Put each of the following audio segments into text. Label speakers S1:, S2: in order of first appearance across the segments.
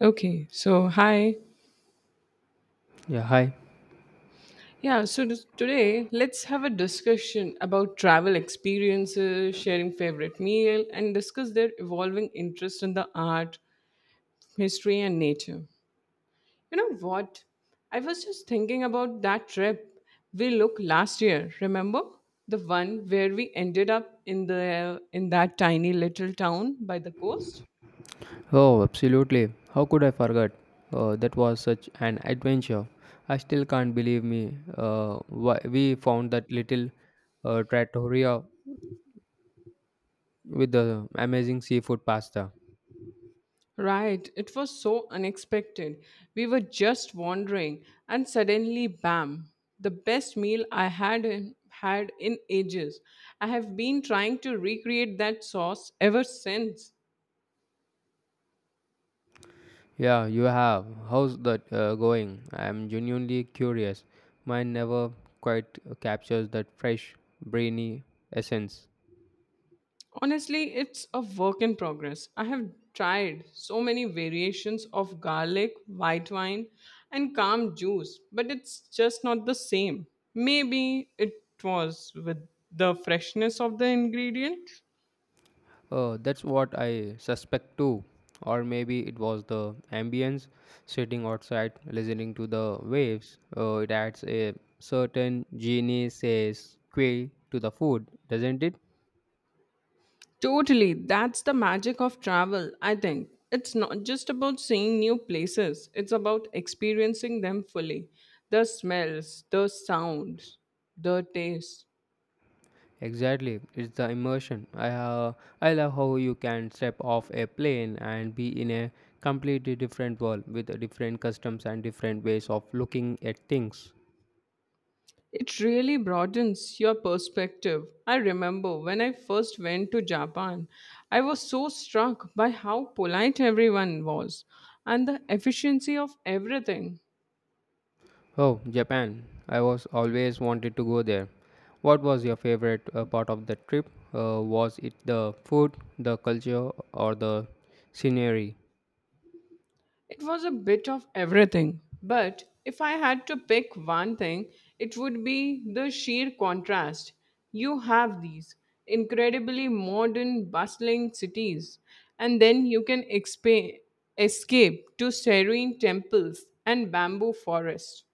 S1: Okay, so hi.
S2: Yeah, hi.
S1: Yeah, so this, today let's have a discussion about travel experiences, sharing favorite meal, and discuss their evolving interest in the art, history, and nature. You know what? I was just thinking about that trip we look last year. Remember the one where we ended up in the in that tiny little town by the coast?
S2: Oh, absolutely. How could I forget? That was such an adventure. I still can't believe me. Why we found that little trattoria with the amazing seafood pasta.
S1: Right, it was so unexpected. We were just wandering, and suddenly, bam, the best meal I had in ages. I have been trying to recreate that sauce ever since.
S2: Yeah, you have. How's that going? I'm genuinely curious. Mine never quite captures that fresh, brainy essence.
S1: Honestly, it's a work in progress. I have tried so many variations of garlic, white wine, and calm juice, but it's just not the same. Maybe it was with the freshness of the ingredient.
S2: That's what I suspect too. Or maybe it was the ambience, sitting outside, listening to the waves. It adds a certain genie says quay to the food, doesn't it?
S1: Totally. That's the magic of travel, I think. It's not just about seeing new places, it's about experiencing them fully. The smells, the sounds, the taste.
S2: Exactly, it's the immersion. I love how you can step off a plane and be in a completely different world with different customs and different ways of looking at things.
S1: It really broadens your perspective. I remember when I first went to Japan, I was so struck by how polite everyone was and the efficiency of everything.
S2: Oh, Japan. I was always wanted to go there. What was your favorite part of the trip? Was it the food, the culture, or the scenery?
S1: It was a bit of everything, but if I had to pick one thing, it would be the sheer contrast. You have these incredibly modern, bustling cities, and then you can escape to serene temples and bamboo forests.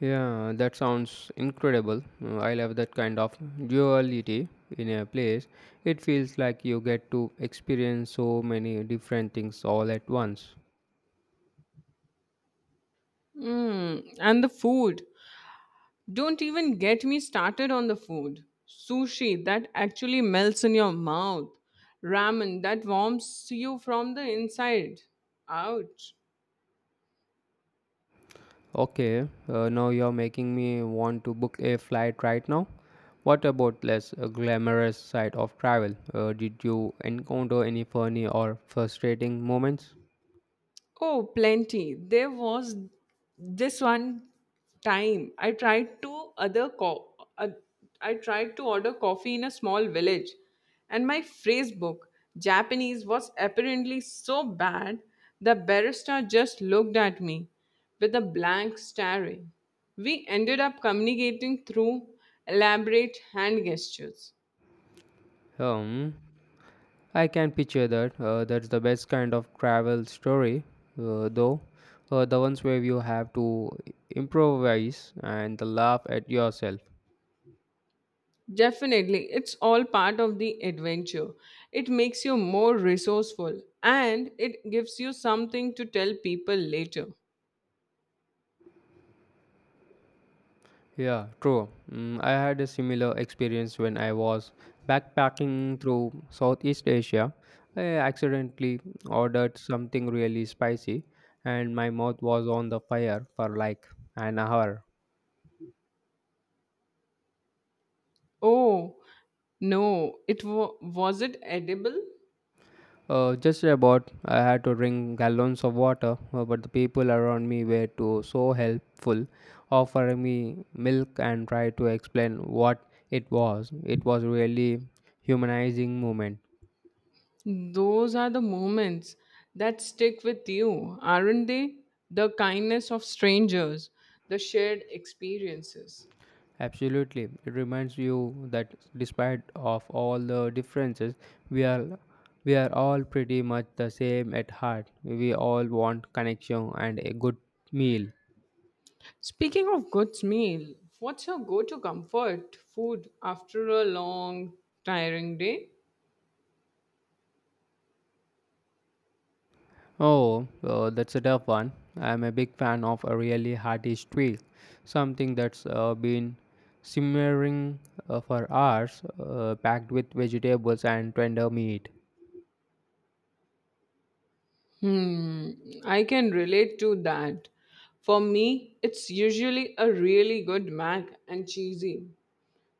S2: Yeah, that sounds incredible. I love that kind of duality in a place. It feels like you get to experience so many different things all at once.
S1: Mm, and the food. Don't even get me started on the food. Sushi that actually melts in your mouth. Ramen that warms you from the inside out.
S2: Okay, now you're making me want to book a flight right now. What about less glamorous side of travel? Did you encounter any funny or frustrating moments?
S1: Oh, plenty. There was this one time I tried to other co- I tried to order coffee in a small village, and my phrase book Japanese was apparently so bad the barista just looked at me with a blank staring. We ended up communicating through elaborate hand gestures.
S2: Hmm. I can picture that. That's the best kind of travel story, though. The ones where you have to improvise and laugh at yourself.
S1: Definitely, it's all part of the adventure. It makes you more resourceful and it gives you something to tell people later.
S2: Yeah, true. Mm, I had a similar experience when I was backpacking through Southeast Asia. I accidentally ordered something really spicy, and my mouth was on the fire for like an hour.
S1: Oh, no, it was it edible?
S2: Just about, I had to drink gallons of water, but the people around me were too so helpful, offering me milk and try to explain what it was. It was really humanizing moment.
S1: Those are the moments that stick with you, aren't they? The kindness of strangers, the shared experiences.
S2: Absolutely. It reminds you that despite of all the differences, we are we are all pretty much the same at heart. We all want connection and a good meal.
S1: Speaking of good meal, what's your go-to comfort food after a long, tiring day?
S2: Oh, that's a tough one. I'm a big fan of a really hearty stew, something that's been simmering for hours, packed with vegetables and tender meat.
S1: Hmm, I can relate to that. For me, it's usually a really good mac and cheesy.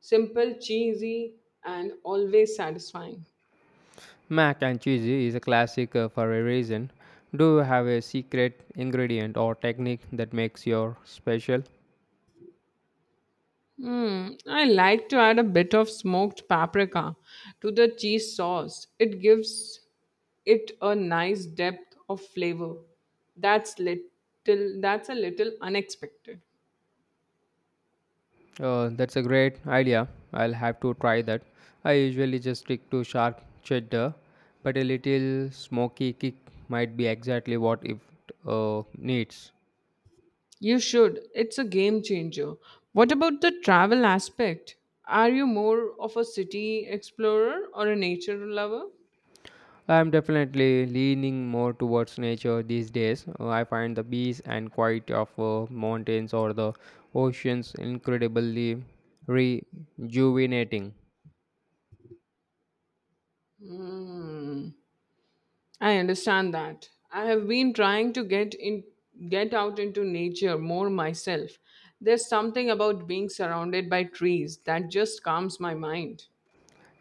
S1: Simple, cheesy, and always satisfying.
S2: Mac and cheese is a classic for a reason. Do you have a secret ingredient or technique that makes your special?
S1: Hmm, I like to add a bit of smoked paprika to the cheese sauce. It gives it a nice depth of flavor. That's a little unexpected.
S2: That's a great idea. I'll have to try that. I usually just stick to sharp cheddar, but a little smoky kick might be exactly what it needs.
S1: You should. It's a game changer. What about the travel aspect? Are you more of a city explorer or a nature lover?
S2: I'm definitely leaning more towards nature these days. I find the peace and quiet of mountains or the oceans incredibly rejuvenating.
S1: I understand that. I have been trying to get out into nature more myself. There's something about being surrounded by trees that just calms my mind.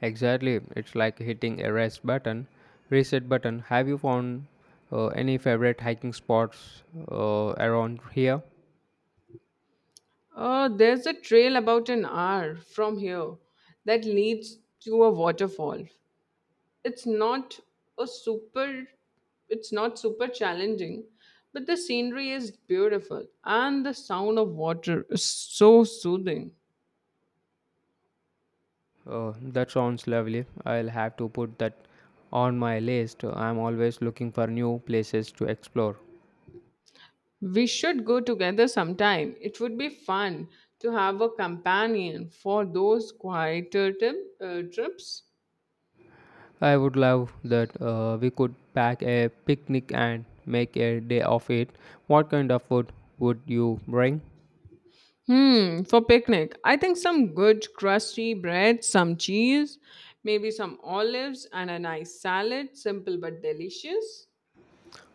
S2: Exactly, it's like hitting a reset button. Have you found any favorite hiking spots around here?
S1: There's a trail about an hour from here that leads to a waterfall. It's not a super it's not super challenging, but the scenery is beautiful and the sound of water is so soothing.
S2: That sounds lovely. I'll have to put that on my list. I'm always looking for new places to explore.
S1: We should go together sometime. It would be fun to have a companion for those trips.
S2: I would love that we could pack a picnic and make a day of it. What kind of food would you bring?
S1: Hmm, for picnic I think some good crusty bread, some cheese, maybe some olives and a nice salad. Simple but delicious.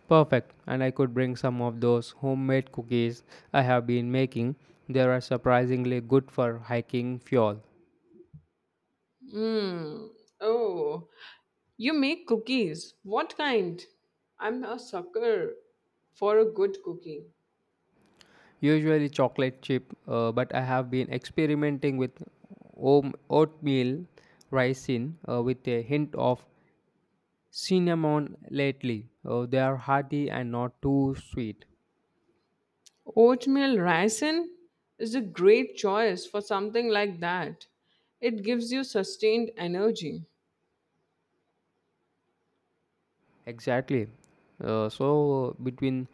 S2: Perfect, and I could bring some of those homemade cookies I have been making. They are surprisingly good for hiking fuel.
S1: Mm. Oh, you make cookies. What kind? I'm a sucker for a good cookie.
S2: Usually chocolate chip, but I have been experimenting with oatmeal raisin with a hint of cinnamon lately. They are hearty and not too sweet.
S1: Oatmeal raisin is a great choice for something like that. It gives you sustained energy.
S2: Exactly. Uh, so between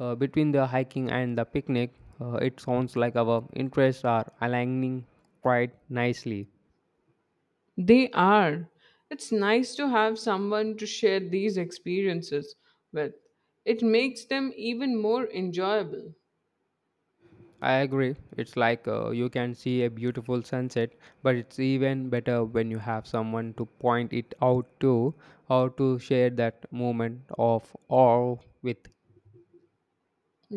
S2: uh, between the hiking and the picnic, it sounds like our interests are aligning quite nicely.
S1: They are. It's nice to have someone to share these experiences with. It makes them even more enjoyable.
S2: I agree. It's like you can see a beautiful sunset, but it's even better when you have someone to point it out to or to share that moment of awe with.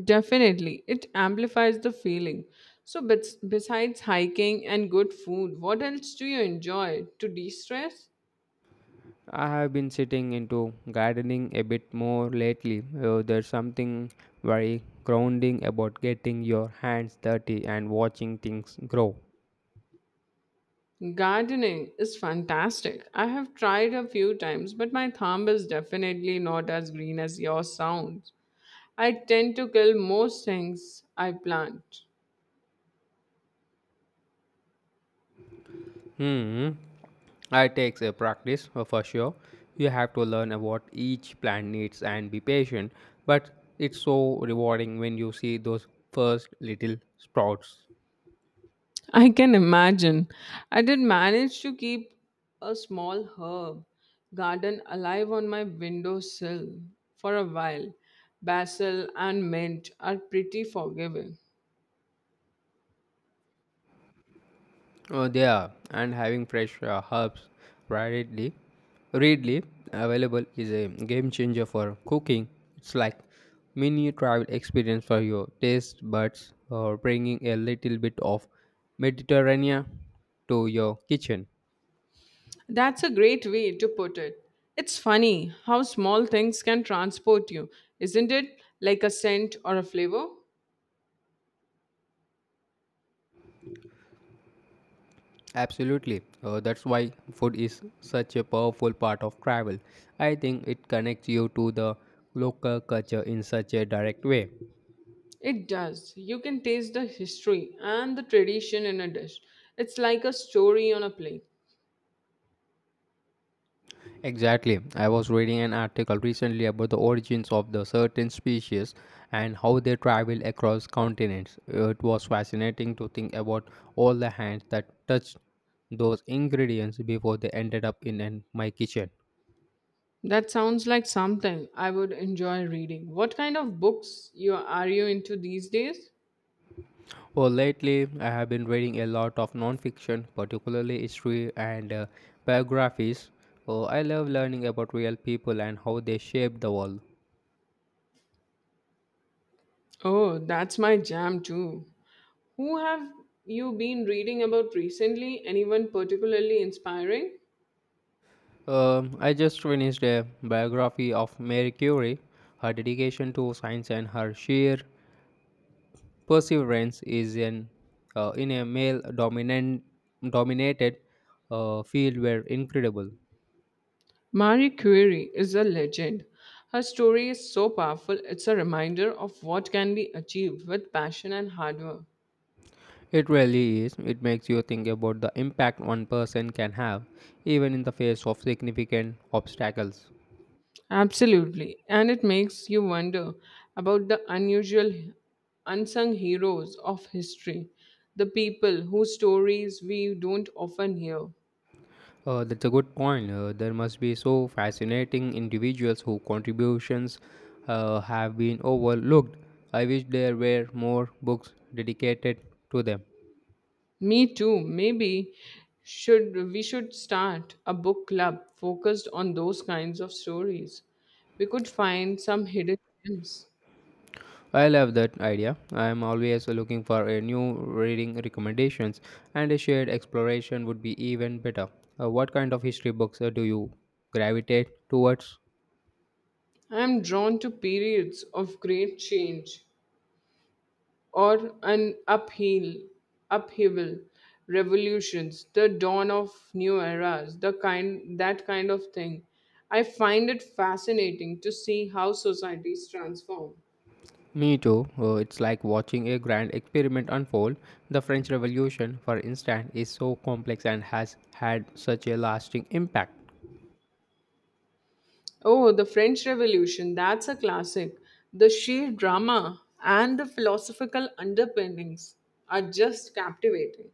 S1: Definitely, it amplifies the feeling. So, besides hiking and good food, what else do you enjoy to de stress?
S2: I have been sitting into gardening a bit more lately. There's something very grounding about getting your hands dirty and watching things grow.
S1: Gardening is fantastic. I have tried a few times, but my thumb is definitely not as green as yours sounds. I tend to kill most things I plant.
S2: Hmm, it takes a practice for sure. You have to learn about each plant needs and be patient, but it's so rewarding when you see those first little sprouts.
S1: I can imagine. I did manage to keep a small herb garden alive on my windowsill for a while. Basil and mint are pretty forgiving.
S2: Oh, they are, and having fresh herbs readily, readily available is a game changer for cooking. It's like mini travel experience for your taste buds, or bringing a little bit of Mediterranean to your kitchen.
S1: That's a great way to put it. It's funny how small things can transport you, isn't it? Like a scent or a flavor?
S2: Absolutely, that's why food is such a powerful part of travel. I think it connects you to the local culture in such a direct way.
S1: It does. You can taste the history and the tradition in a dish. It's like a story on a plate.
S2: Exactly. I was reading an article recently about the origins of the certain species and how they travel across continents. It was fascinating to think about all the hands that touched those ingredients before they ended up in an, my kitchen.
S1: That sounds like something I would enjoy reading. What kind of books you are you into these days?
S2: Well, lately I have been reading a lot of non-fiction, particularly history and biographies. Oh, I love learning about real people and how they shaped the world.
S1: Oh, that's my jam too. Who have you been reading about recently? Anyone particularly inspiring?
S2: I just finished a biography of Mary Curie. Her dedication to science and her sheer perseverance is in a male dominant dominated field were incredible.
S1: Marie Curie is a legend. Her story is so powerful, it's a reminder of what can be achieved with passion and hard work.
S2: It really is. It makes you think about the impact one person can have, even in the face of significant obstacles.
S1: Absolutely. And it makes you wonder about the unsung heroes of history, the people whose stories we don't often hear.
S2: That's a good point. There must be so fascinating individuals whose contributions have been overlooked. I wish there were more books dedicated to them.
S1: Me too. Maybe should we should start a book club focused on those kinds of stories. We could find some hidden gems.
S2: I love that idea. I am always looking for a new reading recommendations, and a shared exploration would be even better. What kind of history books do you gravitate towards?
S1: I am drawn to periods of great change or an upheaval, revolutions, the dawn of new eras, the kind that kind of thing. I find it fascinating to see how societies transform.
S2: Me too. It's like watching a grand experiment unfold. The French Revolution, for instance, is so complex and has had such a lasting impact.
S1: Oh, the French Revolution, that's a classic. The sheer drama and the philosophical underpinnings are just captivating.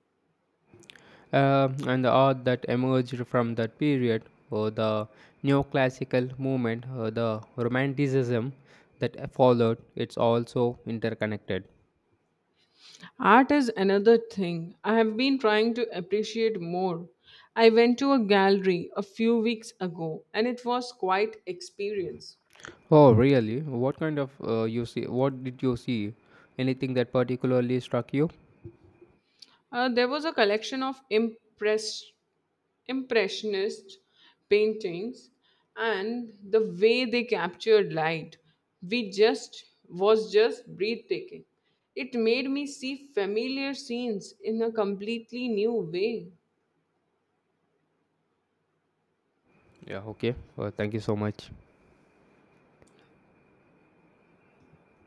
S2: And the art that emerged from that period, the neoclassical movement, the romanticism that followed, it's also interconnected.
S1: Art is another thing I have been trying to appreciate more. I went to a gallery a few weeks ago and it was quite experience.
S2: Oh, really? What kind of What did you see? Anything that particularly struck you?
S1: There was a collection of impressionist paintings, and the way they captured light we just was just breathtaking. It made me see familiar scenes in a completely new way.
S2: Yeah. Okay. Thank you so much.